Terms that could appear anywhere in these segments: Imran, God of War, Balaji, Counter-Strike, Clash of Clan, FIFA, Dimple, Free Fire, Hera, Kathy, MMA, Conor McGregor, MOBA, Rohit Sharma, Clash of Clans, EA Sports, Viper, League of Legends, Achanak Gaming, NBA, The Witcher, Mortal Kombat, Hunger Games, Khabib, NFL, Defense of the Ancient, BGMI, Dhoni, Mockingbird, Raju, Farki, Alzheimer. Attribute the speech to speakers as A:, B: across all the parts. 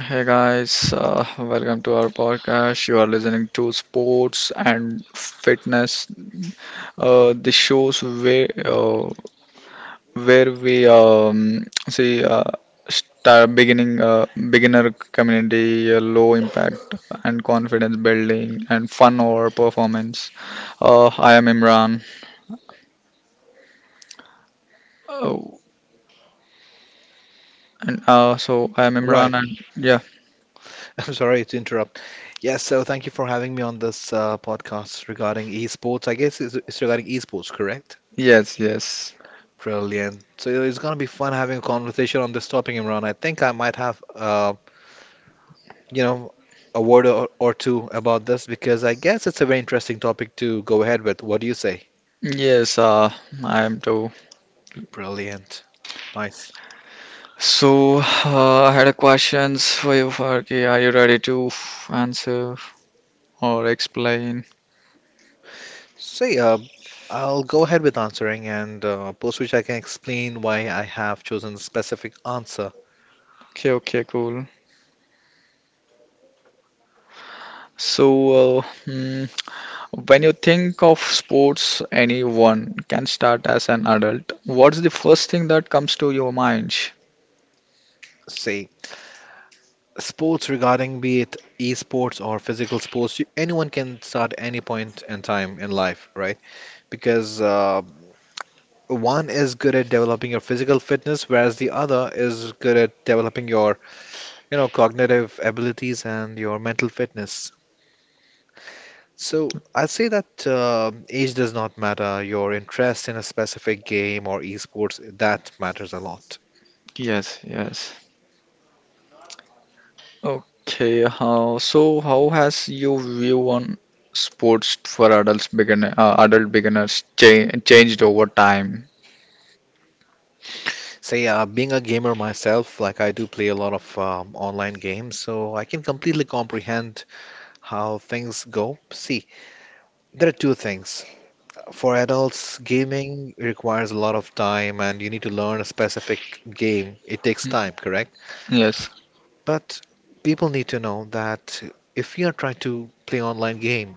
A: Hey guys, welcome to our podcast. You are listening to Sports and Fitness, the shows where we see start beginning beginner community, low impact and confidence building, and fun or performance. I am Imran. Oh, and so I am
B: Right.
A: Imran, and yeah,
B: I'm sorry to interrupt. Yes, so thank you for having me on this podcast regarding esports. I guess it's regarding esports, correct?
A: yes, yes,
B: Brilliant. So it's going to be fun having a conversation on this topic, Imran. I think I might have, you know, a word or two about this because I guess it's a very interesting topic to go ahead with. What do you say?
A: yes. I am too.
B: Brilliant. Nice.
A: So, I had a questions for you, Farki. Are you ready to answer or explain?
B: So, yeah, I'll go ahead with answering, and post which I can explain why I have chosen a specific answer.
A: Okay, okay, cool. So, uh, hmm, when you think of sports, anyone can start as an adult. What's the first thing that comes to your mind?
B: See, sports, regarding be it esports or physical sports, you, anyone can start any point in time in life, right, because one is good at developing your physical fitness whereas the other is good at developing your cognitive abilities and your mental fitness. So I'd say that age does not matter. Your interest in a specific game or esports, that matters a lot.
A: Yes, yes. Okay, so how has your view on sports for adults beginner, adult beginners changed over time?
B: Say, being a gamer myself, like I do play a lot of online games, so I can completely comprehend how things go. See, there are two things. For adults, gaming requires a lot of time and you need to learn a specific game. It takes
A: Mm.
B: time, correct?
A: Yes.
B: But people need to know that if you are trying to play online game,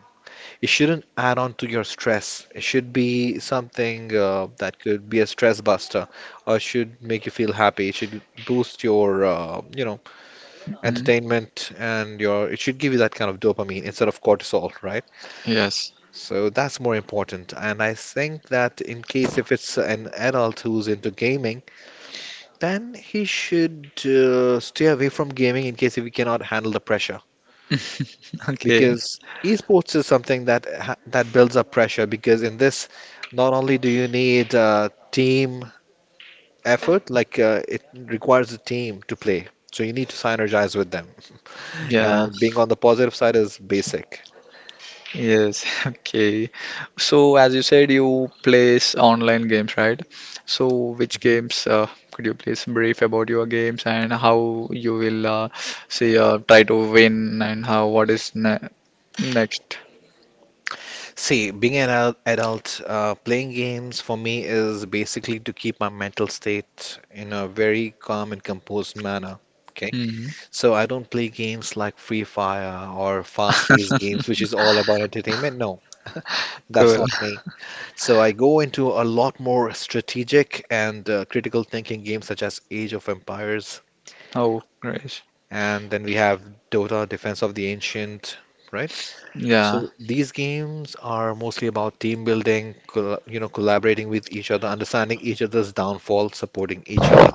B: it shouldn't add on to your stress. It should be something that could be a stress buster or should make you feel happy. It should boost your,
A: Mm.
B: entertainment, and your, it should give you that kind of dopamine instead of cortisol, right?
A: Yes.
B: So that's more important. And I think that in case if it's an adult who's into gaming, then he should stay away from gaming in case if he cannot handle the pressure.
A: Okay,
B: Because esports is something that builds up pressure. Because in this, not only do you need team effort, like it requires a team to play. So you need to synergize with them.
A: yeah,
B: And being on the positive side is basic.
A: yes, okay. So, as you said, you plays online games, right? So, which games could you please brief about your games and how you will say try to win and how what is ne next?
B: See, being an adult, playing games for me is basically to keep my mental state in a very calm and composed manner. Okay,
A: Hmm.
B: so I don't play games like Free Fire or fast-paced games, which is all about entertainment. No, that's
A: Cool.
B: not me. So I go into a lot more strategic and critical thinking games such as Age of Empires,
A: Oh, great.
B: and then we have Dota, Defense of the Ancient, right?
A: Yeah.
B: So these games are mostly about team building, collaborating with each other, understanding each other's downfall, supporting each other,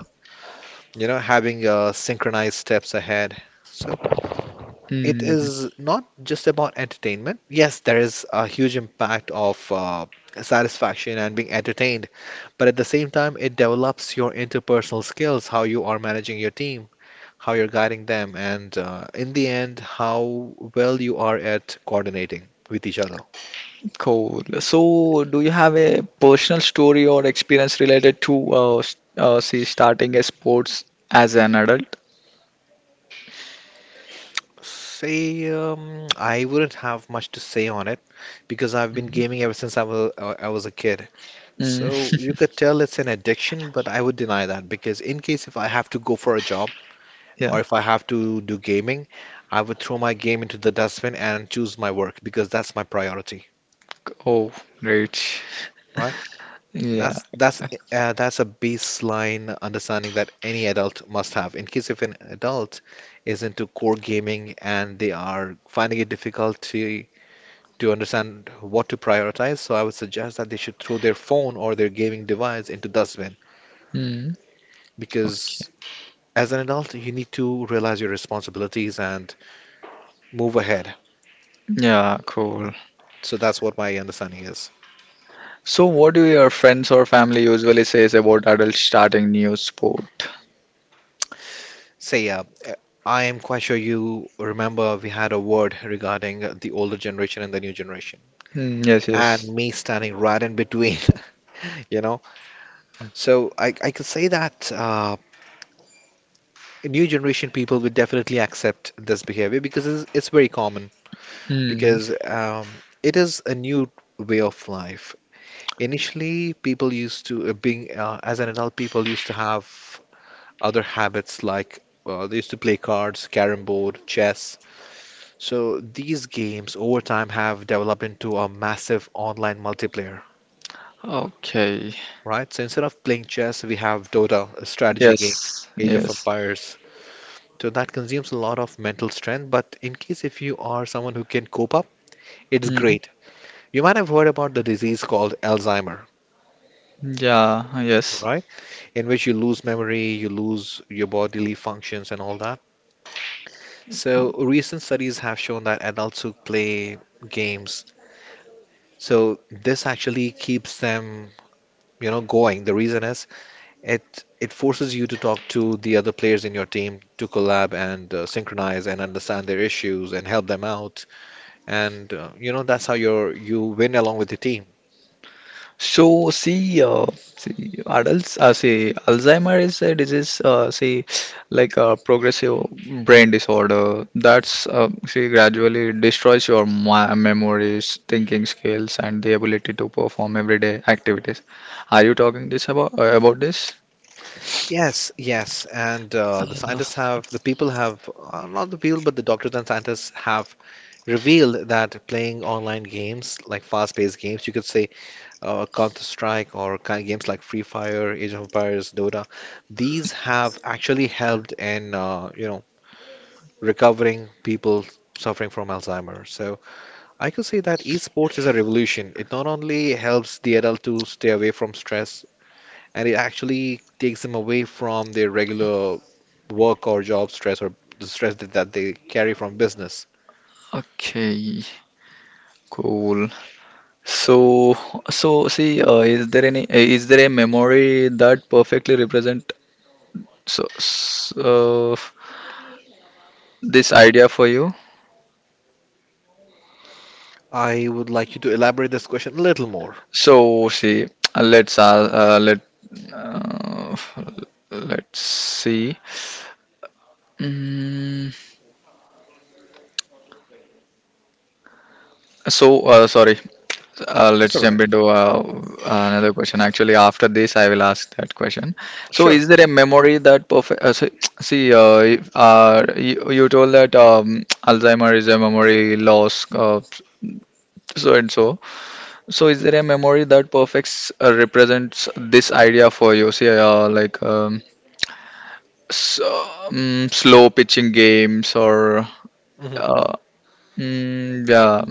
B: you know, having synchronized steps ahead. So it
A: Hmm.
B: is not just about entertainment. Yes, there is a huge impact of satisfaction and being entertained, but at the same time, it develops your interpersonal skills, how you are managing your team, how you're guiding them, and in the end, how well you are at coordinating with each other.
A: Cool. So, do you have a personal story or experience related to s- see starting a sports as an adult?
B: Say, I wouldn't have much to say on it because I've been gaming ever since I was a kid.
A: Mm.
B: So you could tell it's an addiction, but I would deny that because in case if I have to go for a job
A: Yeah.
B: or if I have to do gaming, I would throw my game into the dustbin and choose my work because that's my priority,
A: Oh, great.
B: right?
A: Yeah.
B: That's that's that's a baseline understanding that any adult must have. In case if an adult is into core gaming and they are finding it difficult to understand what to prioritize. So I would suggest that they should throw their phone or their gaming device into dustbin
A: Mm. Okay.
B: because as an adult, you need to realize your responsibilities and move ahead,
A: Yeah, cool.
B: right? So that's what my understanding is.
A: So, what do your friends or family usually says about adults starting new sport?
B: Say, I am quite sure you remember we had a word regarding the older generation and the new generation,
A: Mm, yes,
B: and
A: yes.
B: me standing right in between. you know. So I could say that new generation people will definitely accept this behavior because it's very common
A: Mm.
B: because it is a new way of life. Initially, people used to being as an adult, people used to have other habits like they used to play cards, carrom board, chess. So these games over time have developed into a massive online multiplayer,
A: Okay.
B: right? So instead of playing chess, we have Dota, a strategy game,
A: Yes.
B: Age of
A: Yes.
B: Empires. So that consumes a lot of mental strength, but in case if you are someone who can cope up, it's
A: Mm,
B: great. You might have heard about the disease called Alzheimer,
A: yeah, yes.
B: right? In which you lose memory, you lose your bodily functions, and all that. So, recent studies have shown that adults who play games, so this actually keeps them going. The reason is it forces you to talk to the other players in your team to collab and synchronize and understand their issues and help them out. And that's how you win along with the team.
A: So, see, adults, Alzheimer is a disease, like a progressive brain disorder that's, gradually destroys your memories, thinking skills, and the ability to perform everyday activities. Are you talking this about this?
B: Yes, yes, and the
A: Uh,
B: scientists have, the people have, not the people, but the doctors and scientists have revealed that playing online games, like fast-paced games, you could say Counter-Strike or games like Free Fire, Age of Empires, Dota, these have actually helped in, recovering people suffering from Alzheimer's. So I could say that esports is a revolution. It not only helps the adult to stay away from stress, and it actually takes them away from their regular work or job stress or the stress that they carry from business.
A: okay, cool. So, so, see, is there any, is there a memory that perfectly represent so, this idea for you?
B: I would like you to elaborate this question a little more.
A: So see, uh, let's uh, uh, let uh, let's see. Mm, so sorry,
B: It's
A: let's
B: all right.
A: jump into another question. Actually, after this, I will ask that question. So,
B: Sure.
A: is there a memory that perfect? See, if, you, you told that Alzheimer is a memory loss, so and so. So, is there a memory that perfects represents this idea for you? See, like. So, slow pitching games or
B: Hmm.
A: uh, mm, yeah,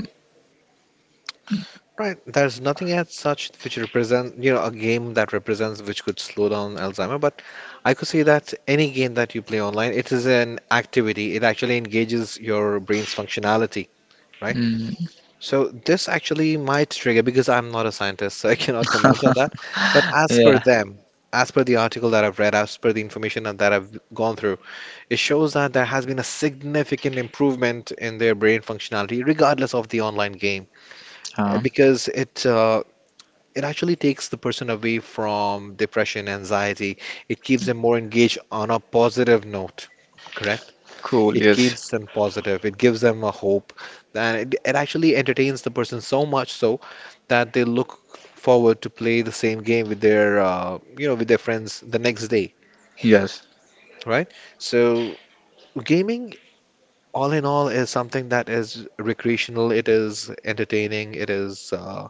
B: Right. There's nothing as such which represent, you know, a game that represents which could slow down Alzheimer, but I could say that any game that you play online, it is an activity. It actually engages your brain's functionality, right?
A: mm,
B: So this actually might trigger because I'm not a scientist, so I cannot comment on that. But as per
A: yeah.
B: them, as per the article that I've read, as per the information that that I've gone through, it shows that there has been a significant improvement in their brain functionality, regardless of the online game.
A: Uh,
B: Because it actually takes the person away from depression, anxiety. It keeps them more engaged on a positive note, correct?
A: cool.
B: It
A: Yes.
B: keeps them positive. It gives them a hope. And it actually entertains the person so much so that they look forward to play the same game with their friends the next day,
A: Yes.
B: right? So gaming, all in all, is something that is recreational. It is entertaining.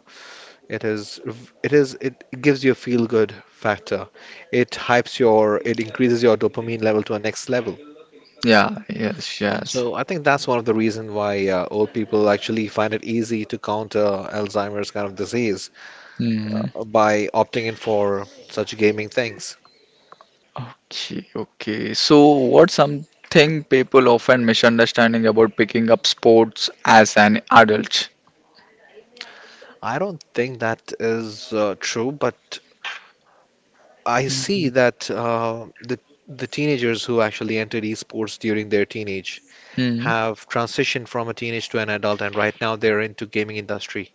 B: it is, it gives you a feel-good factor. It hypes your, it increases your dopamine level to a next level.
A: Yeah. Yes. Yes.
B: So I think that's one of the reasons why old people actually find it easy to counter Alzheimer's kind of disease
A: Mm,
B: by opting in for such gaming things.
A: okay. Okay. So, what's something people often misunderstanding about picking up sports as an adult?
B: I don't think that is true, but I see
A: Mm,
B: that the teenagers who actually entered esports during their teenage
A: mm,
B: have transitioned from a teenage to an adult, and right now they're into gaming industry.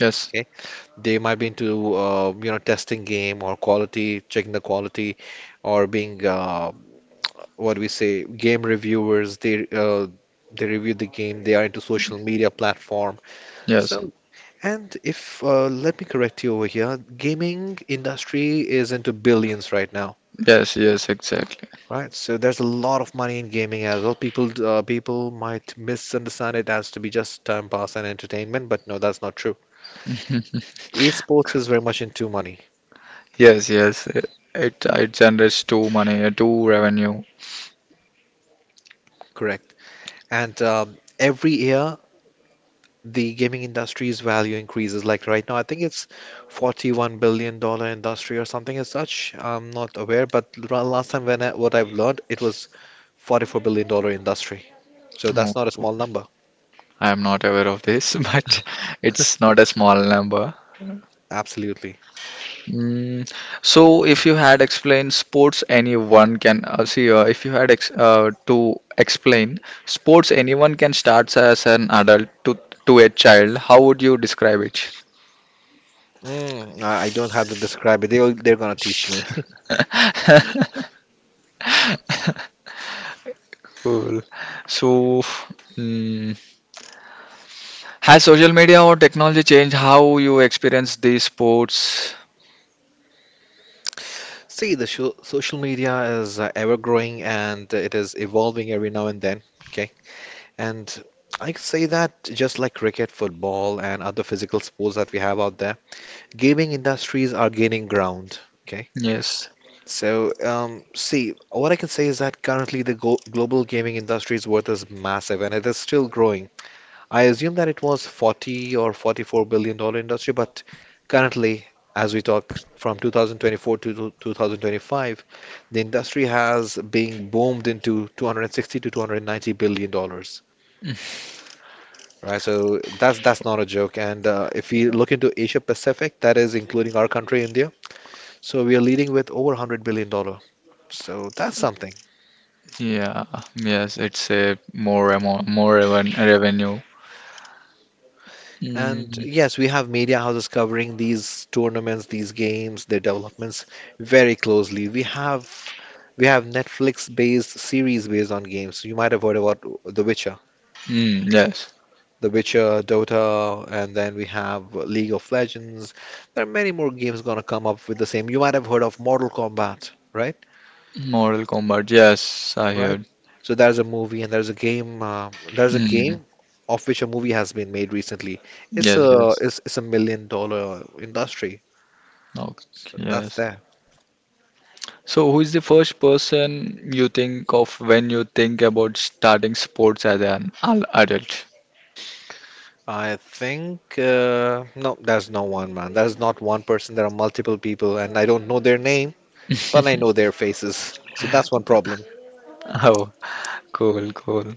A: yes.
B: Okay, they might be into testing game or quality, checking the quality, or being what we say game reviewers. They they review the game. They are into social media platform.
A: Yes.
B: So, and if let me correct you over here, gaming industry is into billions right now,
A: Yes. Yes. Exactly.
B: right? So there's a lot of money in gaming as well. People people might misunderstand it as to be just time pass and entertainment, but no, that's not true. Esports is very much into money,
A: Yes. Yes. It generates too money, too revenue.
B: correct? And every year the gaming industry's value increases. Like right now, I think it's $41 billion dollar industry or something as such. I'm not aware, but last time when I, what I've learned, it was $44 billion dollar industry. So that's
A: Oh,
B: not a small number.
A: I'm not aware of this, but it's not a small number.
B: Absolutely.
A: Mm, so, if you had explained sports, anyone can see. If you had ex to explain sports, anyone can start as an adult to a child. How would you describe it?
B: Mm, I don't have to describe it. They'll, they're going to teach me.
A: Cool. So, mm, has social media or technology changed how you experience these sports?
B: See, the sho social media is ever growing and it is evolving every now and then. Okay. And I could say that just like cricket, football, and other physical sports that we have out there, gaming industries are gaining ground. Okay.
A: Yes.
B: So, see, what I can say is that currently the go global gaming industry's worth is massive and it is still growing. I assume that it was 40 or 44 billion dollar industry, but currently, as we talk from 2024 to 2025, the industry has being boomed into 260 to 290 billion dollars. Right, so that's not a joke. And if we look into Asia Pacific, that is including our country, India, so we are leading with over 100 billion dollar. So that's something.
A: Yeah. Yes. It's a more more revenue.
B: And
A: Mm.
B: yes, we have media houses covering these tournaments, these games, their developments very closely. We have Netflix-based series based on games. You might have heard about The Witcher,
A: Mm, yes.
B: The Witcher, Dota, and then we have League of Legends. There are many more games gonna come up with the same. You might have heard of Mortal Kombat, right?
A: Mortal Kombat. Yes, I
B: Right?
A: heard.
B: So there's a movie and there's a game. There's a
A: Mm,
B: game of which a movie has been made recently. It's
A: yes,
B: a
A: yes.
B: it's, it's a million dollar industry.
A: Okay,
B: So that's
A: yes.
B: there.
A: So, who is the first person you think of when you think about starting sports as an adult?
B: I think no, there's no one man. There's not one person. There are multiple people, and I don't know their name, but I know their faces. So that's one problem.
A: Oh, cool, cool.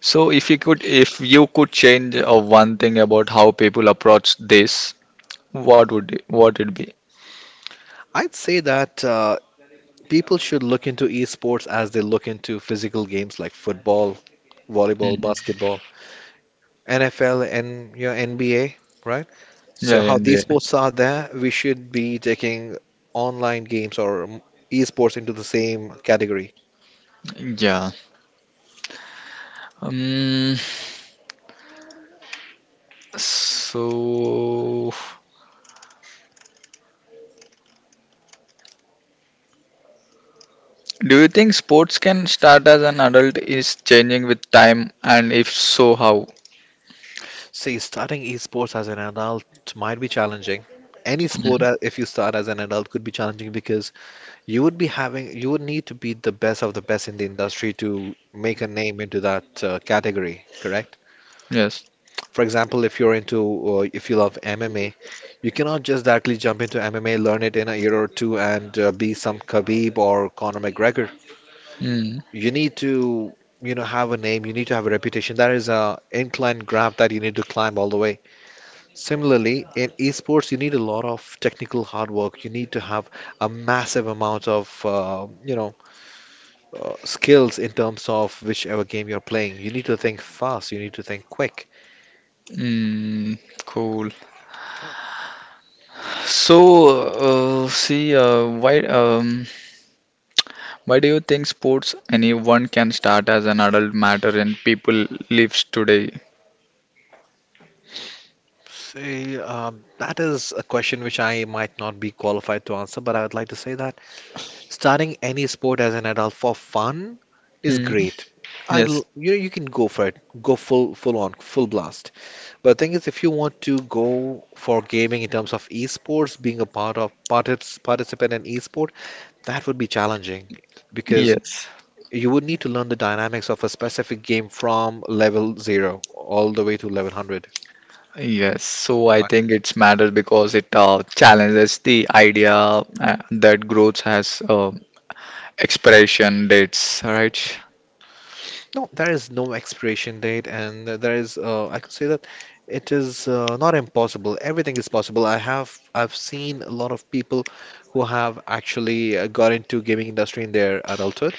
A: So, if you could change one thing about how people approach this, what would it, what it be?
B: I'd say that people should look into esports as they look into physical games like football, volleyball,
A: Hmm.
B: basketball. NFL and your NBA, right?
A: Yeah,
B: So how these
A: NBA.
B: sports are there, we should be taking online games or esports into the same category.
A: Yeah. Um, so do you think sports can start as an adult is changing with time, and if so, how?
B: See, starting esports as an adult might be challenging. Any sport,
A: Mm.
B: if you start as an adult, could be challenging because you would be having, you would need to be the best of the best in the industry to make a name into that category, correct?
A: Yes.
B: For example, if you're into, if you love MMA, you cannot just directly jump into MMA, learn it in a year or two, and be some Khabib or Conor McGregor.
A: Mm.
B: You need to, you know, have a name. You need to have a reputation. That is a incline graph that you need to climb all the way. Similarly, in esports, you need a lot of technical hard work. You need to have a massive amount of, you know, skills in terms of whichever game you're playing. You need to think fast. You need to think quick.
A: Mm. Cool. So, uh, see, uh, why um, why do you think sports anyone can start as an adult matter in people lives today?
B: See, that is a question which I might not be qualified to answer, but I would like to say that starting any sport as an adult for fun is
A: Mm.
B: great. You
A: Yes.
B: know, you can go for it, go full, full on, full blast. But the thing is, if you want to go for gaming in terms of esports, being a part of participant in esport, that would be challenging because
A: Yes.
B: you would need to learn the dynamics of a specific game from level zero all the way to level 100.
A: Yes. So I
B: Right?
A: think it's matters because it challenges the idea that growth has expiration dates, right?
B: No, there is no expiration date, and there is, I could say that it is not impossible. Everything is possible. I have, I've seen a lot of people who have actually got into gaming industry in their adulthood,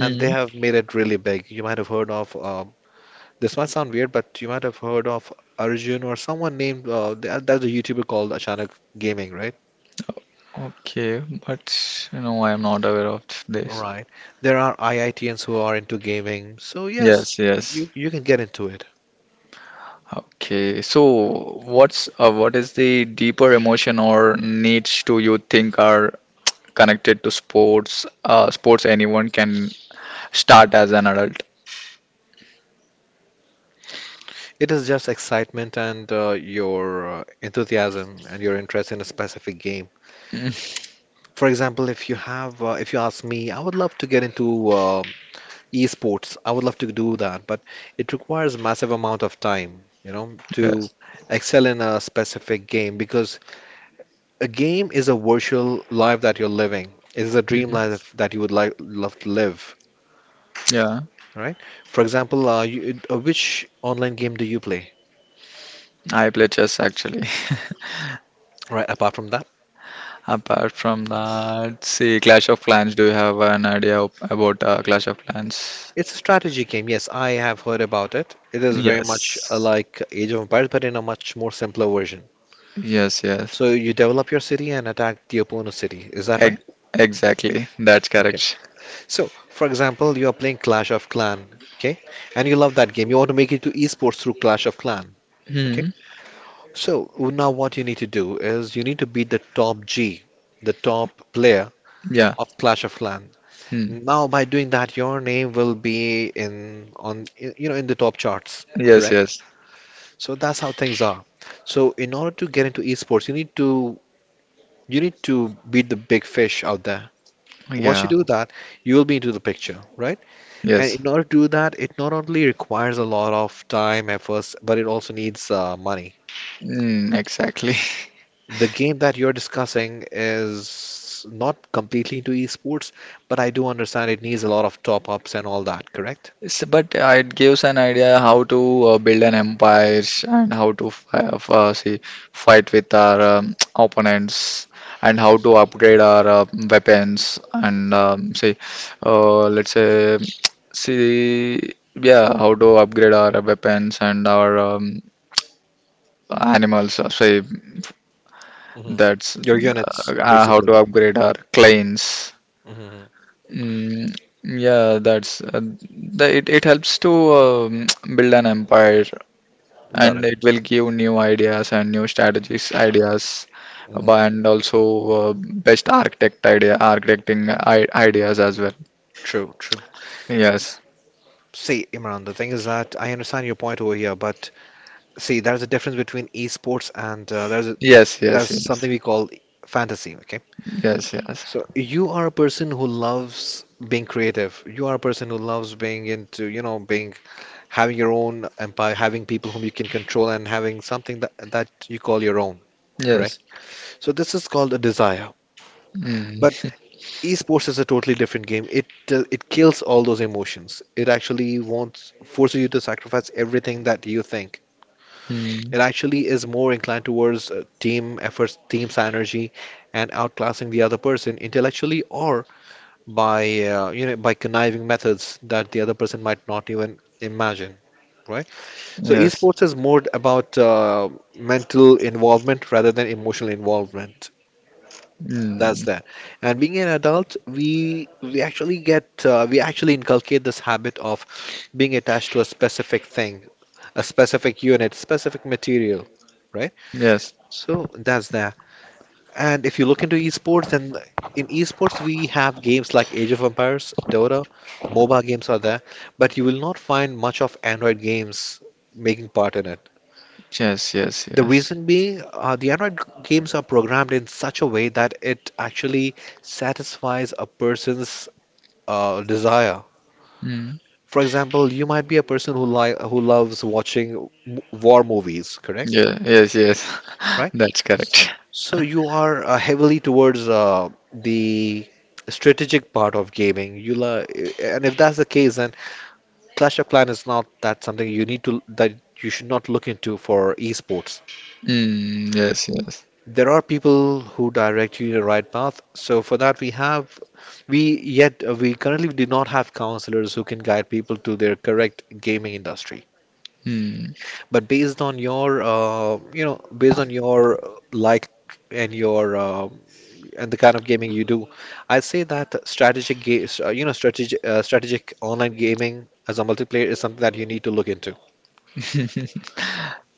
B: and they have made it really big. You might have heard of, this might sound weird, but you might have heard of Arjun or someone named, there's a YouTuber called Achanak Gaming, right?
A: Okay, but you know, I am not aware of this.
B: Right. There are IITians who are into gaming, so yes,
A: Yes, yes.
B: you can get into it.
A: Okay, so what's what is the deeper emotion or needs do you think are connected to sports? Sports anyone can start as an adult.
B: It is just excitement and your enthusiasm and your interest in a specific game. For example, if you have, if you ask me, I would love to get into esports. I would love to do that, but it requires massive amount of time, you know, to
A: Yes.
B: excel in a specific game because a game is a virtual life that you're living. It is a dream
A: Hmm.
B: life that you would like love to live,
A: Yeah,
B: right? For example, you, which online game do you play,
A: I play chess actually.
B: right? Apart from that.
A: Apart from that, see Clash of Clans. Do you have an idea of- about Clash of Clans?
B: It's a strategy game. Yes, I have heard about it. It is very much
A: Yes.
B: like Age of Empires, but in a much more simpler version.
A: Yes, yes.
B: So you develop your city and attack the opponent's city. Is that
A: Ex
B: right?
A: exactly. That's
B: Okay.
A: correct.
B: So, for example, you are playing Clash of Clan, okay? And you love that game. You want to make it to esports through Clash of Clan, okay?
A: Hmm.
B: So now what you need to do is you need to beat the top G, the top player
A: Yeah.
B: of Clash of Clan.
A: Hmm.
B: Now by doing that, your name will be in on you know in the top charts,
A: Yes.
B: correct?
A: Yes.
B: So that's how things are. So in order to get into esports, you need to beat the big fish out there. Once you
A: Yeah.
B: do that, you will be into the picture, right? And
A: Yes.
B: in order to do that, it not only requires a lot of time, efforts, but it also needs money.
A: Mm, exactly.
B: The game that you're discussing is not completely into esports, but I do understand it needs a lot of top ups and all that, correct?
A: So, but it gives an idea how to build an empire and how to fi f- see fight with our opponents and how to upgrade our weapons and see let's say see yeah how to upgrade our weapons and our animals. Say
B: Hmm.
A: that's
B: Your units,
A: how
B: basically.
A: to upgrade our clans.
B: Hmm.
A: Mm, yeah, that's it helps to um build an empire,
B: Got
A: and
B: it.
A: it will give new ideas and new strategies ideas
B: Hmm.
A: but- and also uh, best architect idea architecting I ideas as well.
B: True, true.
A: Yes.
B: See, Imran, the thing is that I understand your point over here, but see, there's a difference between esports and there's a,
A: Yes, yes,
B: there's
A: yes.
B: something we call fantasy, okay?
A: Yes, yes.
B: So you are a person who loves being creative. You are a person who loves being into, you know, being having your own empire, having people whom you can control and having something that you call your own,
A: Yes.
B: correct? So this is called a desire.
A: Mm.
B: But esports is a totally different game. It it kills all those emotions. It actually wants forces you to sacrifice everything that you think.
A: Mm.
B: It actually is more inclined towards team efforts, team synergy, and outclassing the other person intellectually or by you know by conniving methods that the other person might not even imagine, right? So
A: Yes.
B: esports is more about mental involvement rather than emotional involvement. That's
A: Mm.
B: that. And being an adult, we actually get we actually inculcate this habit of being attached to a specific thing, a specific unit, specific material, right?
A: Yes.
B: So that's that. And if you look into esports, then in esports we have games like Age of Empires, Dota, MOBA games are there, but you will not find much of Android games making part in it.
A: Yes, yes,
B: The
A: yes.
B: reason being, the games are programmed in such a way that it actually satisfies a person's desire.
A: Mm.
B: For example, you might be a person who loves watching war movies, correct?
A: Yeah, yes, yes.
B: Right?
A: That's correct.
B: So you are heavily towards the strategic part of gaming. You la And if that's the case, then Clash of Clans is not that something you need to that you should not look into for esports.
A: Mm. Yes, yes.
B: There are people who direct you in the right path. So for that, we currently do not have counselors who can guide people to their correct gaming industry.
A: Mm.
B: But based on your you know based on your like and your and the kind of gaming you do. I say that strategic games, you know, strategic online gaming as a multiplayer is something that you need to look into.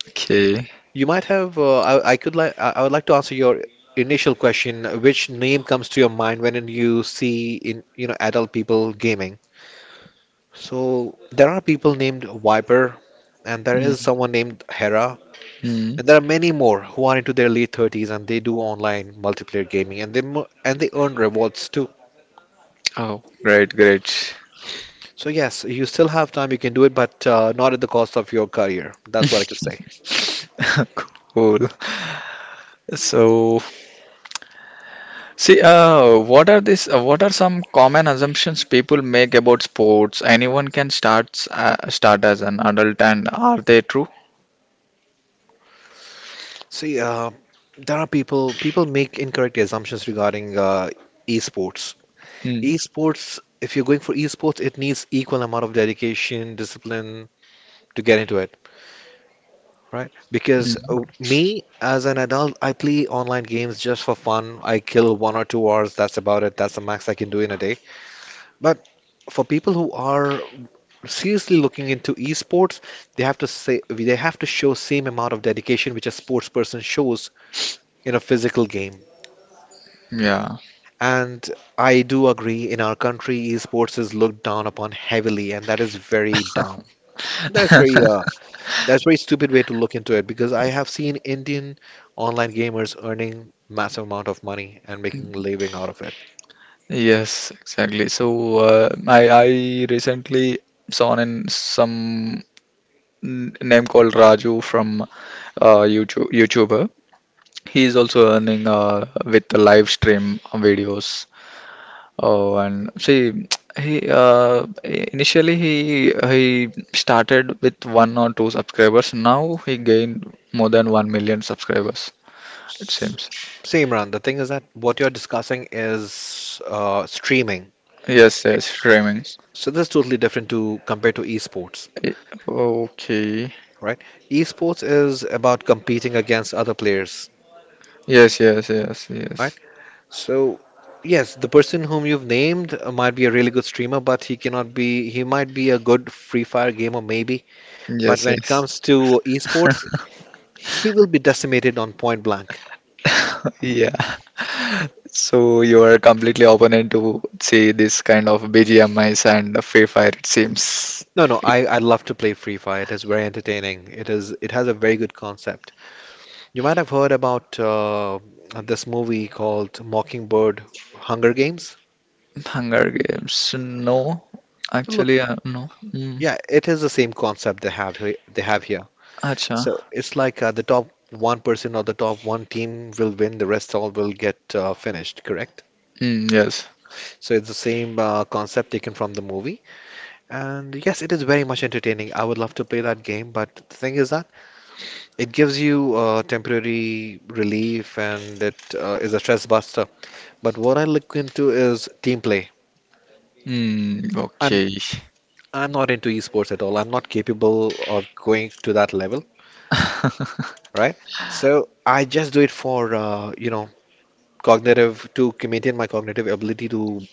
A: Okay.
B: You might have. I would like to answer your initial question. Which name comes to your mind when you see in you know adult people gaming? So there are people named Viper, and there is someone named Hera, and there
A: Mm-hmm.
B: are many more who are into their late 30s and they do online multiplayer gaming, and they earn rewards too.
A: Oh, great, great.
B: So yes, you still have time. You can do it, but not at the cost of your career. That's what I could say.
A: Cool. So, see, what are this? What are some common assumptions people make about sports? Anyone can start as an adult, and are they true?
B: See, there are people make incorrect assumptions regarding esports. Esports, if you're going for esports, it needs equal amount of dedication, discipline to get into it, right? Because
A: Mm-hmm.
B: me as an adult, I play online games just for fun. I kill 1 or 2 hours. That's about it. That's the max I can do in a day. But for people who are seriously looking into esports, they have to show same amount of dedication which a sports person shows in a physical game.
A: Yeah.
B: And I do agree, in our country, esports is looked down upon heavily, and that is very dumb. That's very uh, that's very stupid way to look into it because I have seen Indian online gamers earning massive amount of money and making a living out of it.
A: Yes, exactly. So, I recently saw in some name called Raju from YouTuber. He is also earning with the live stream videos. Oh, and see, he initially he started with one or two subscribers. Now he gained more than 1 million subscribers. It
B: S-
A: seems.
B: Same, Ran. The thing is that what you're discussing is streaming.
A: Yes, yes, streaming.
B: So that's totally different to compared to esports,
A: Eh, okay.
B: right? Esports is about competing against other players,
A: Yes, yes, yes,
B: right?
A: yes.
B: So yes, the person whom you've named might be a really good streamer, but he cannot be, he might be a good Free Fire gamer maybe, but
A: Yes,
B: when it
A: yes.
B: comes to esports, he will be decimated on point blank.
A: Yeah. So you are completely open to see this kind of BGMIs and Free Fire, it seems.
B: No, no, I love to play Free Fire. It is very entertaining. It has a very good concept. You might have heard about this movie called Mockingbird Hunger Games.
A: Hunger Games. No, actually,
B: Look,
A: no. Mm.
B: yeah, it is the same concept they have here.
A: Acha.
B: So it's like the top one person or the top one team will win, the rest all will get finished, correct?
A: Mm, yes.
B: So it's the same concept taken from the movie. And yes, it is very much entertaining. I would love to play that game, but the thing is that it gives you temporary relief and it is a stress buster. But what I look into is team play.
A: Mm,
B: I'm
A: okay.
B: I'm not into esports at all. I'm not capable of going to that level, right? So I just do it for maintain my cognitive ability to.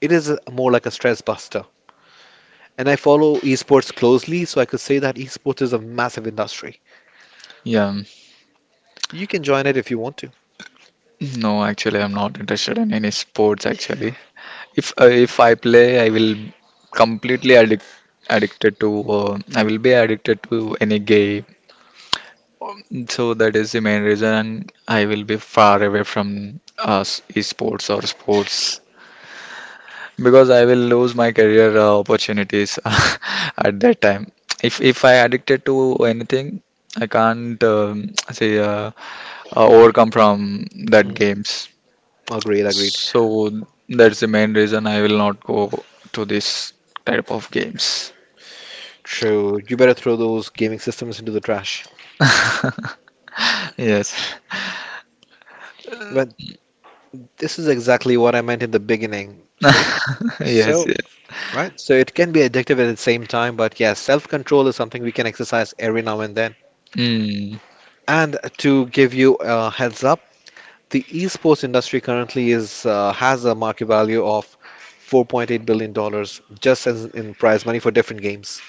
B: It is a, more like a stress buster, and I follow esports closely, so I could say that esports is a massive industry.
A: Yeah.
B: You can join it if you want to.
A: No, actually, I'm not interested in any sports. Actually, if I play, I will completely addict addicted to. I will be addicted to any game. So that is the main reason I will be far away from us esports or sports. Because I will lose my career opportunities at that time. If I addicted to anything, I can't say overcome from that
B: Mm,
A: games.
B: agreed, agreed.
A: So that's the main reason I will not go to this type of games.
B: True. You better throw those gaming systems into the trash.
A: Yes,
B: But this is exactly what I meant in the beginning. See?
A: yes,
B: So,
A: yes.
B: right? So it can be addictive at the same time, but yes, self-control is something we can exercise every now and then.
A: Mm,
B: And to give you a heads up, the esports industry currently is has a market value of 4.8 billion dollars just as in prize money for different games,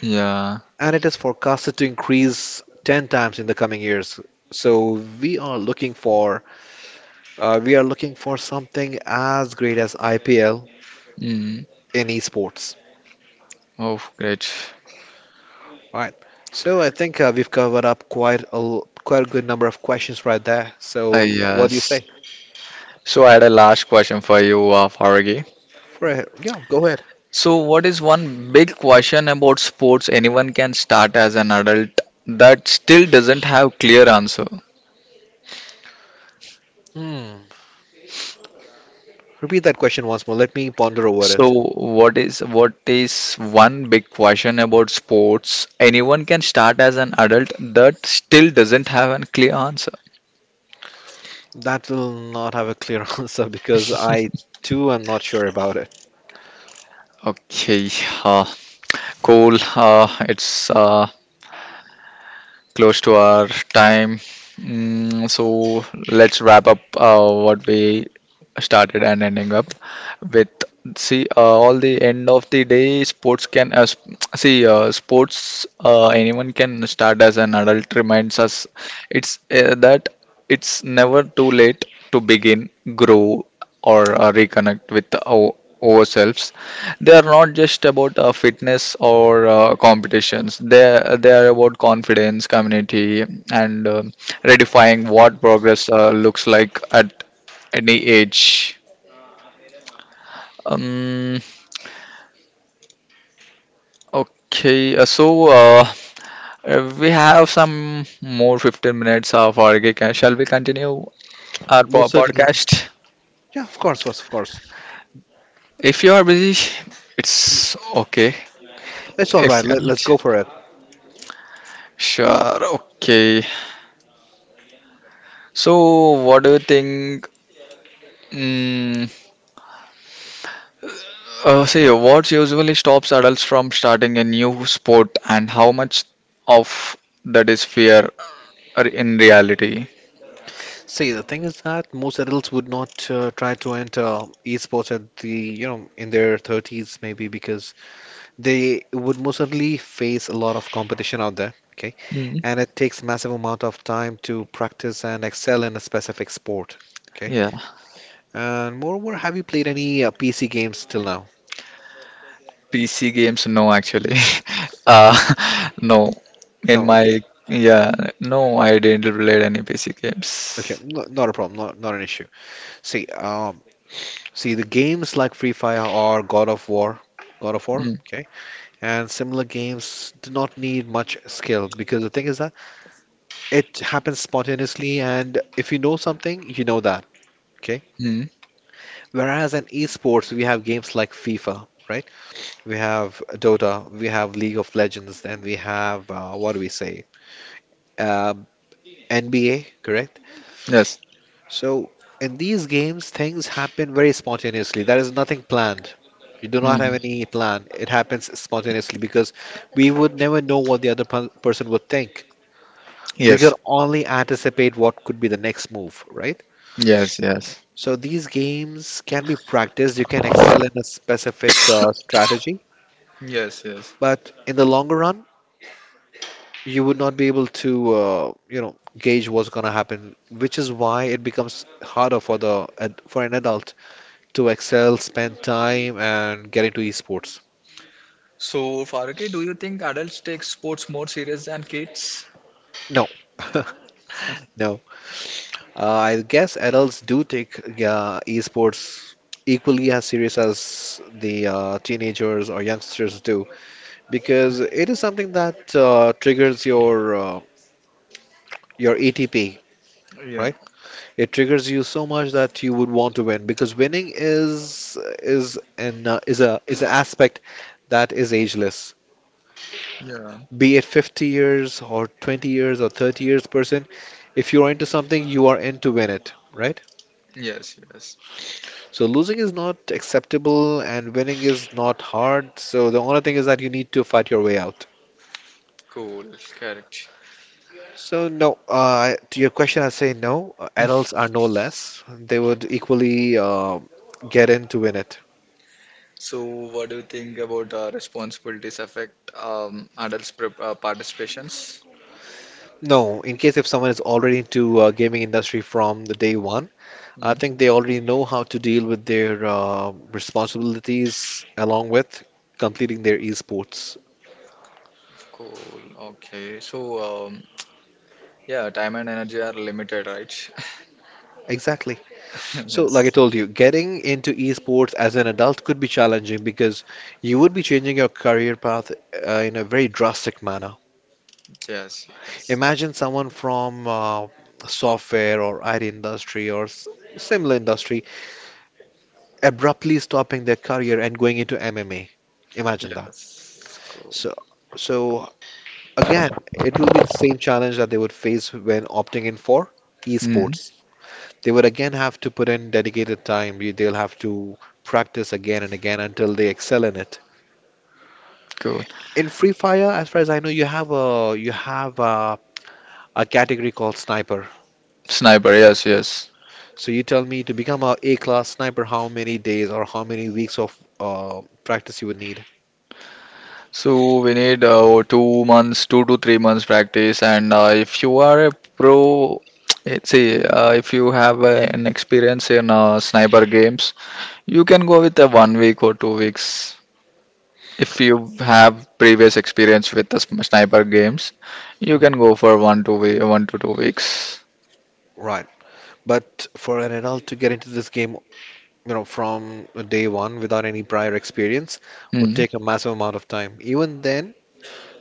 A: yeah.
B: and it is forecasted to increase 10 times in the coming years. So we are looking for we are looking for something as great as IPL
A: Mm.
B: in esports.
A: Oh, great.
B: All right. So I think we've covered up quite a good number of questions right there. So what do you say?
A: Yes. So I had a last question for you, Faragi.
B: For a, yeah, go ahead.
A: So, what is one big question about sports anyone can start as an adult that still doesn't have clear answer?
B: Hmm. Repeat that question once more. Let me ponder over
A: So,
B: it.
A: what is one big question about sports anyone can start as an adult that still doesn't have a clear answer?
B: That will not have a clear answer because I too am not sure about it.
A: Okay, uh, cool. It's close to our time. Mm, so let's wrap up what we started and ending up with. See, all the end of the day, sports can sp- see sports. Anyone can start as an adult. Reminds us, it's that it's never too late to begin, grow, or reconnect with our, ourselves. They are not just about fitness or competitions. They are about confidence, community, and redefining what progress looks like at any age. Um, okay, uh, so uh, we have some more 15 minutes of our gig. Shall we continue our
B: Most certainly.
A: podcast?
B: Yeah, of course, of course.
A: If you are busy, it's okay.
B: It's all
A: If
B: right.
A: you're
B: Let's
A: not,
B: go for it.
A: sure, okay. So, what do you think? Mm. See, what usually stops adults from starting a new sport, and how much of that is fear or in reality?
B: See, the thing is that most adults would not try to enter esports at the, you know, in their 30s maybe because they would most certainly face a lot of competition out there, okay?
A: Mm.
B: And it takes massive amount of time to practice and excel in a specific sport, okay?
A: Yeah,
B: And moreover, have you played any PC games till now?
A: PC games, no, actually. Uh, no, in
B: No, okay.
A: my, yeah, no, I didn't play any PC
B: Okay,
A: games.
B: no, not a problem, not an issue. See, see the games like Free Fire or God of War,
A: Mm,
B: okay, and similar games do not need much skill because the thing is that it happens spontaneously, and if you know something, you know that, okay.
A: mm,
B: Whereas in esports, we have games like FIFA, right? We have Dota, we have League of Legends, and we have what do we say? Um NBA, correct?
A: yes,
B: So, in these games, things happen very spontaneously. There is nothing planned. You do not have
A: mm,
B: any plan. It happens spontaneously because we would never know what the person would think. We
A: yes,
B: could only anticipate what could be the next move, right?
A: yes, yes.
B: So, these games can be practiced. You can excel in a specific strategy,
A: Yes, yes.
B: but in the longer run, you would not be able to, you know, gauge what's going to happen, which is why it becomes harder for the for an adult to excel, spend time, and get into esports.
A: So, Faruqi, do you think adults take sports more serious than kids?
B: No, no. I guess adults do take esports equally as serious as the teenagers or youngsters do because it is something that triggers your ATP,
A: Yeah,
B: right? It triggers you so much that you would want to win because winning is an is a is an aspect that is ageless.
A: yeah.
B: Be it 50 years or 20 years or 30 years person, if you're into something, you are in to win it, right?
A: Yes, yes.
B: So losing is not acceptable and winning is not hard, so the only thing is that you need to fight your way out.
A: Cool, correct.
B: So no, to your question I say no, adults are no less, they would equally get in to win it.
A: So, what do you think about responsibilities affect adults' participations?
B: No, in case if someone is already into gaming industry from the day one, I
A: Mm,
B: think they already know how to deal with their responsibilities along with completing their esports.
A: cool. Okay. So, um, yeah, time and energy are limited, right?
B: Exactly. So, like I
A: Yes.
B: told you, getting into esports as an adult could be challenging because you would be changing your career path in a very drastic manner.
A: Yes. Yes.
B: Imagine someone from software or IT industry or similar industry abruptly stopping their career and going into MMA. Imagine that.
A: Yes. Cool.
B: So, so again, it will be the same challenge that they would face when opting in for
A: Hmm.
B: esports. They would again have to put in dedicated time. They'll have to practice again and again until they excel in it.
A: Cool.
B: In Free Fire, as far as I know, you have a category called sniper.
A: Sniper. Yes. Yes.
B: So you tell me to become a A-class sniper, how many days or how many weeks of practice you would need?
A: So we need 2 months, 2 to 3 months practice, and if you are a pro, let's see, if you have an experience in sniper games. You can go with a 1 week or 2 weeks. If you have previous experience with the sniper games, you
B: Mhm.
A: can go for 1 to 2 weeks.
B: Right. But for an adult to get into this game, you know, from day one without any prior experience would
A: Mm.
B: take a massive amount of time. Even then,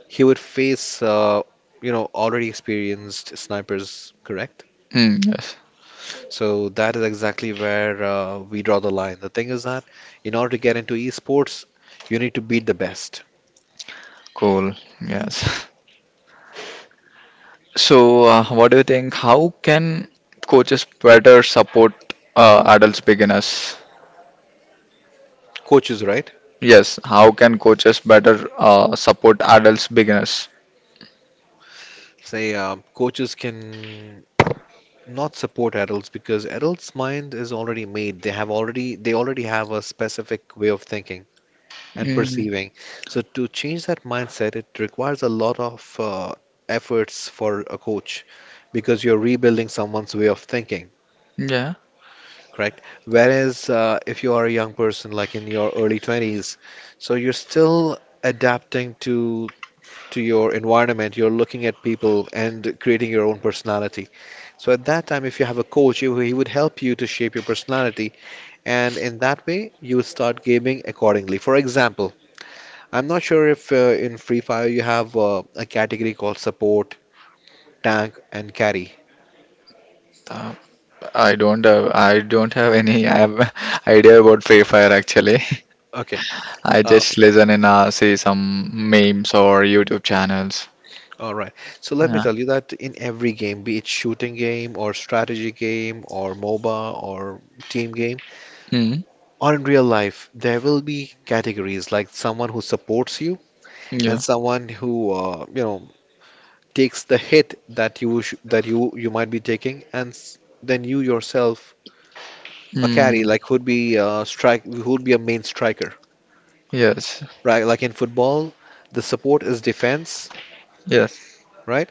B: he would face, you know, already experienced snipers, correct?
A: Mm, yes.
B: So that is exactly where we draw the line. The thing is that in order to get into esports, you need to beat the best.
A: Cool. Yes. So, what do you think? How can coaches better support adults beginners?
B: Coaches, right?
A: Yes. How can coaches better support adults beginners?
B: Say, coaches can not support adults because adults' mind is already made. They already have a specific way of thinking and
A: Mm,
B: perceiving. So to change that mindset, it requires a lot of efforts for a coach because you're rebuilding someone's way of thinking,
A: yeah.
B: correct? Whereas if you are a young person, like in your early 20s, so you're still adapting to your environment, you're looking at people and creating your own personality. So at that time, if you have a coach, he would help you to shape your personality, and in that way, you would start gaming accordingly. For example, I'm not sure if in Free Fire you have a category called support, tank, and carry.
A: Uh, I don't have any I have idea about Free Fire actually.
B: Okay,
A: I
B: uh,
A: just listen and see some memes or YouTube channels.
B: all right. So let me
A: Yeah.
B: tell you that in every game, be it shooting game or strategy game or MOBA or team game
A: Mm.
B: or in real life, there will be categories like someone who supports you and
A: Yeah.
B: someone who you know takes the hit that you sh that you might be taking, and s then you yourself a carry,
A: Mm.
B: like who'd be strike who'd be a main striker,
A: Yes.
B: right? Like in football, the support is defense,
A: Yes.
B: right?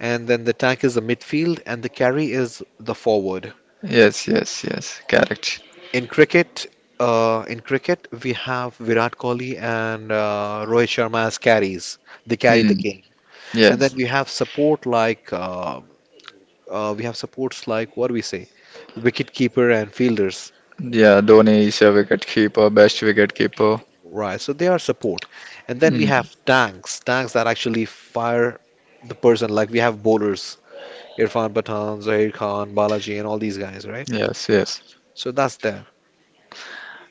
B: And then the attack is the midfield, and the carry is the forward.
A: Yes. Yes. Yes. Correct.
B: In cricket, in cricket, we have Virat Kohli and Rohit Sharma as carries. They carry the
A: Mm.
B: game, and then
A: Yes.
B: you have support like we have supports like what do we say, wicket keeper and fielders,
A: Yeah. Dhoni is a wicket keeper, best wicket keeper.
B: right? So they are support, and then we have
A: Mm.
B: tanks, tanks that actually fire the person. Like we have bowlers, Irfan Pathan, Zahir Khan, Balaji, and all these guys, right?
A: Yes. Yes.
B: So that's there.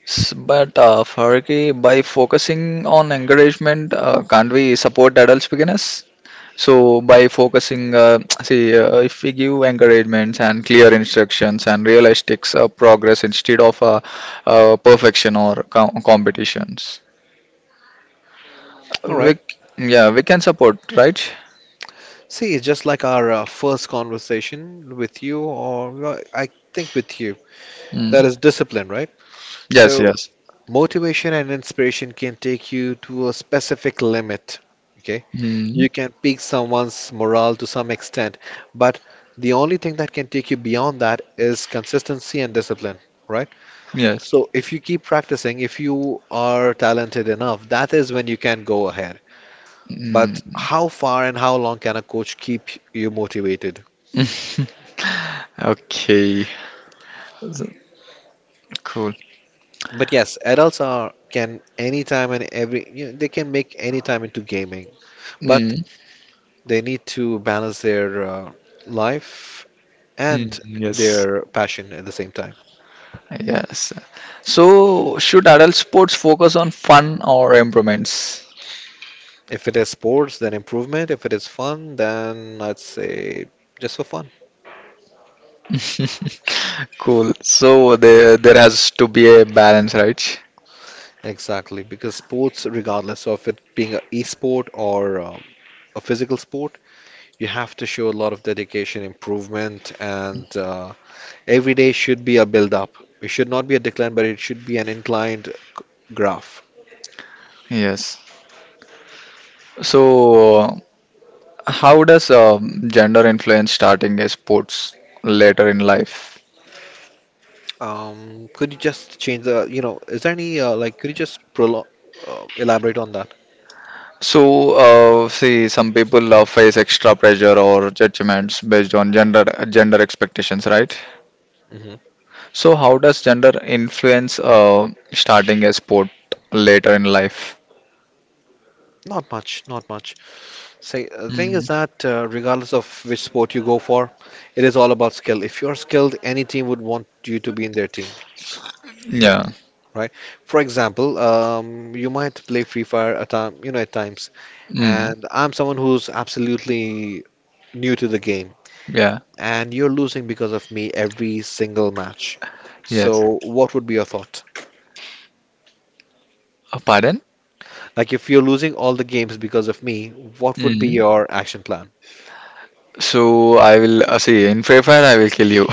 A: But Farki, by focusing on encouragement, can't we support adults beginners? So by focusing, if we give encouragements and clear instructions and realistic progress instead of perfection or competitions,
B: All right.
A: we, yeah, we can support, right?
B: See, it's just like our first conversation with you, or well, I think with you, that
A: Mm.
B: is discipline, right?
A: Yes,
B: So
A: yes.
B: motivation and inspiration can take you to a specific limit. Okay.
A: Mm.
B: You can pique someone's morale to some extent, but the only thing that can take you beyond that is consistency and discipline, right?
A: Yes.
B: So if you keep practicing, if you are talented enough, that is when you can go ahead. But
A: Mm.
B: how far and how long can a coach keep you motivated?
A: Okay. So- Cool.
B: But yes, adults are can anytime and every you know, they can make any time into gaming, but
A: Mm.
B: they need to balance their life and
A: Mm. Yes.
B: their passion at the same time.
A: Yes. So should adult sports focus on fun or improvements?
B: If it is sports, then improvement. If it is fun, then I'd say just for fun.
A: Cool. So there has to be a balance, right?
B: Exactly, because sports, regardless of it being an e-sport or a physical sport, you have to show a lot of dedication, improvement, and every day should be a build up. It should not be a decline, but it should be an inclined graph.
A: Yes. So how does gender influence starting a sports later in life?
B: Could you just change the, you know, is there any, like, could you just prolo elaborate on that?
A: So see, some people face extra pressure or judgments based on gender gender expectations, right?
B: Hmm.
A: So how does gender influence starting a sport later in life?
B: Not much, not much. Say, the thing is
A: Mm.
B: that regardless of which sport you go for, it is all about skill. If you're skilled, any team would want you to be in their team,
A: Yeah.
B: right? For example, you might play Free Fire at time, you know, at times,
A: Mm.
B: and I'm someone who's absolutely new to the game,
A: Yeah.
B: and you're losing because of me every single match.
A: Yes.
B: So, what would be your thought?
A: Pardon?
B: Like, if you're losing all the games because of me, what would be
A: Mm.
B: your action plan,
A: So I will see in Free Fire. I will kill you.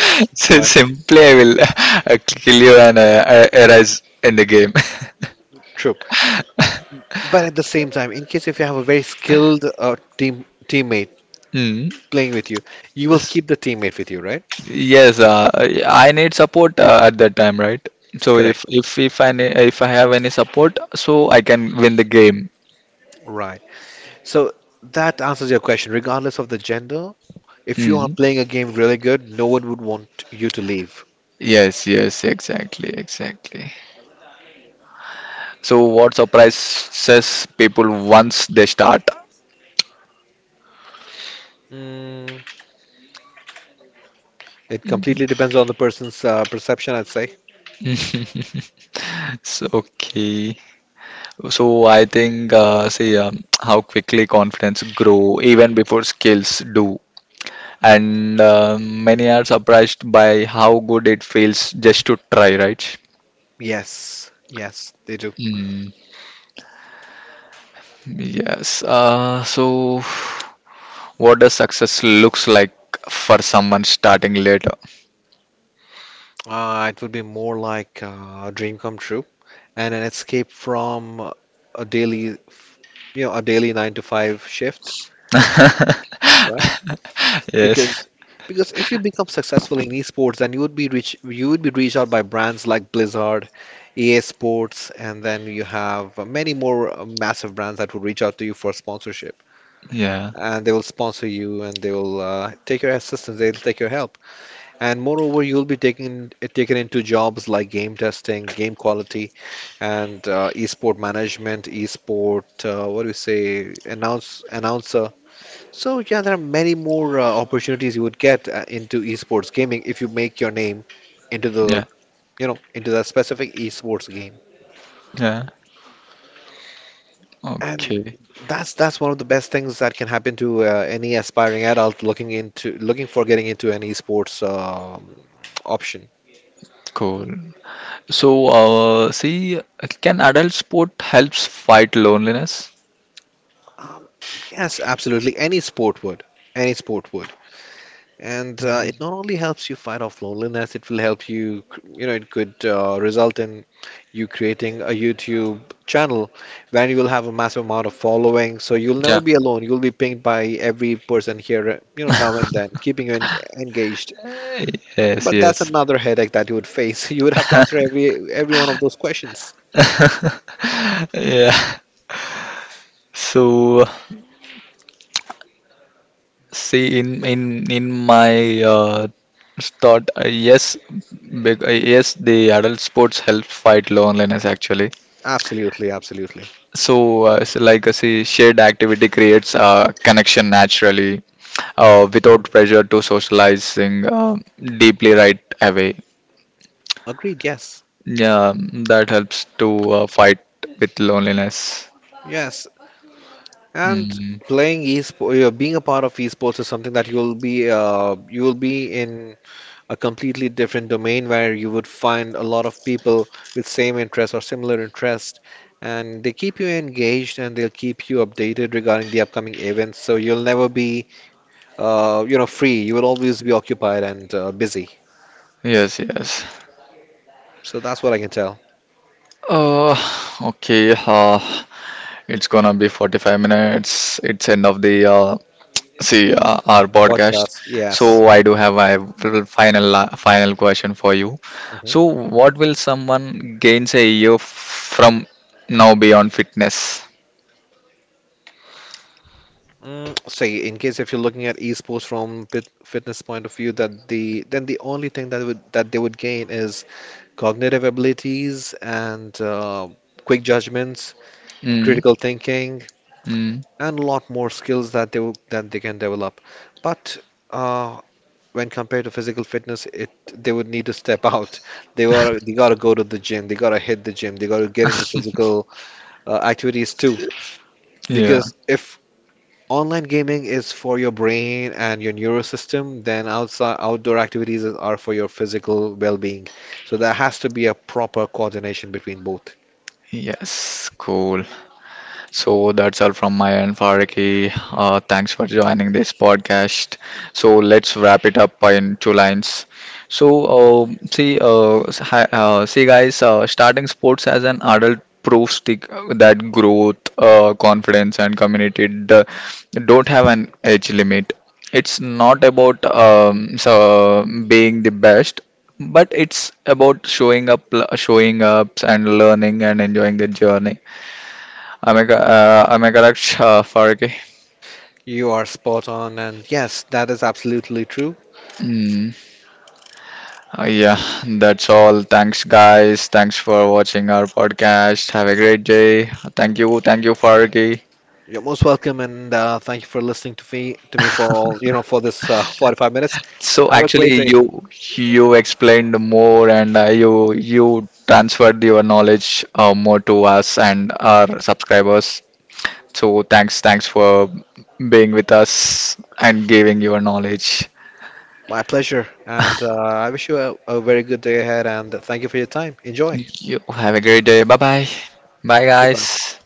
A: So
B: right?
A: simply, I will kill you and arise in the game.
B: True. But at the same time, in case if you have a very skilled teammate
A: Hmm.
B: playing with you, you will
A: S-
B: keep the teammate with you, right?
A: Yes, I need support at that time, right? So
B: Correct.
A: if I if I have any support, so I can win the game.
B: Right. So that answers your question. Regardless of the gender, if you are
A: Hmm.
B: playing a game really good, no one would want you to leave.
A: Yes, yes, exactly, exactly. So what surprises people once they start?
B: Mm, It completely depends on the person's perception, I'd say.
A: So, okay. So I think, how quickly confidence grow even before skills do, and many are surprised by how good it feels just to try, right?
B: Yes, yes, they do.
A: Mm, yes. So, what does success looks like for someone starting later?
B: It would be more like a dream come true and an escape from a daily, a daily 9 to 5 shift, right?
A: Yes.
B: Because because if you become successful in esports, then you would be reached out by brands like Blizzard, EA Sports, and then you have many more massive brands that will reach out to you for sponsorship,
A: Yeah.
B: and they will sponsor you, and they will take your assistance, they'll take your help, and moreover, you'll be taken into jobs like game testing, game quality, and esport management, esport what do you say, announcer. So yeah, there are many more opportunities you would get into esports gaming if you make your name into the,
A: Yeah.
B: you know, into that specific esports game.
A: Yeah.
B: And
A: Okay.
B: that's one of the best things that can happen to any aspiring adult looking for getting into an esports option.
A: Cool. So, see, can adult sport helps fight loneliness?
B: Um, yes, absolutely. Any sport would. Any sport would. And it not only helps you fight off loneliness, it will help you, it could result in you creating a YouTube channel where you will have a massive amount of following. So you'll
A: Yeah.
B: never be alone. You'll be pinged by every person here, now and then, keeping you en engaged.
A: Yes.
B: But that's
A: Yes.
B: another headache that you would face. You would have to answer every one of those questions.
A: Yeah. So, see, in my thought, yes, yes, the adult sports help fight loneliness actually.
B: Absolutely, absolutely.
A: So, so like, see, shared activity creates connection naturally, without pressure to socializing deeply right away.
B: Agreed, yes.
A: Yeah, that helps to fight with loneliness.
B: Yes. And
A: Mm.
B: playing esports, being a part of esports is something that you will be in a completely different domain where you would find a lot of people with same interest or similar interest, and they keep you engaged, and they'll keep you updated regarding the upcoming events, so you'll never be free. You will always be occupied and busy.
A: Yes, yes.
B: So that's what I can tell.
A: Uh, okay. It's gonna be 45 minutes. It's end of the see our podcast.
B: Podcast,
A: So
B: yes.
A: I do have a little final question for you.
B: Hmm.
A: So what will someone gains a year from now beyond fitness?
B: So in case if you're looking at esports from pit fitness point of view, that the then the only thing that they would gain is cognitive abilities and quick judgments,
A: Mm,
B: critical thinking,
A: mm,
B: and a lot more skills that they can develop. But uh, when compared to physical fitness, it they would need to step out. They gotta go to the gym. They gotta hit the gym. They gotta get into physical activities too.
A: yeah.
B: Because if online gaming is for your brain and your neurosystem, then outside outdoor activities are for your physical well-being. So there has to be a proper coordination between both.
A: Yes. Cool. So that's all from my end, Faraki. Thanks for joining this podcast. So let's wrap it up in two lines. So see, guys, starting sports as an adult proves that growth, confidence, and community don't have an age limit. It's not about being the best, but it's about showing up, showing ups, and learning and enjoying the journey. I am I correct, Farki?
B: You are spot on, and yes, that is absolutely true.
A: Mm, yeah, that's all. Thanks, guys. Thanks for watching our podcast. Have a great day. Thank you, Farki.
B: You're most welcome, and thank you for listening to me for all for this 45 minutes.
A: So
B: Have a
A: actually,
B: great day.
A: you explained more, and you transferred your knowledge more to us and our subscribers. So thanks, thanks for being with us and giving your knowledge.
B: My pleasure, and I wish you a very good day ahead. And thank you for your time. Enjoy.
A: You have a great day. Bye bye. Bye,
B: Goodbye.
A: guys.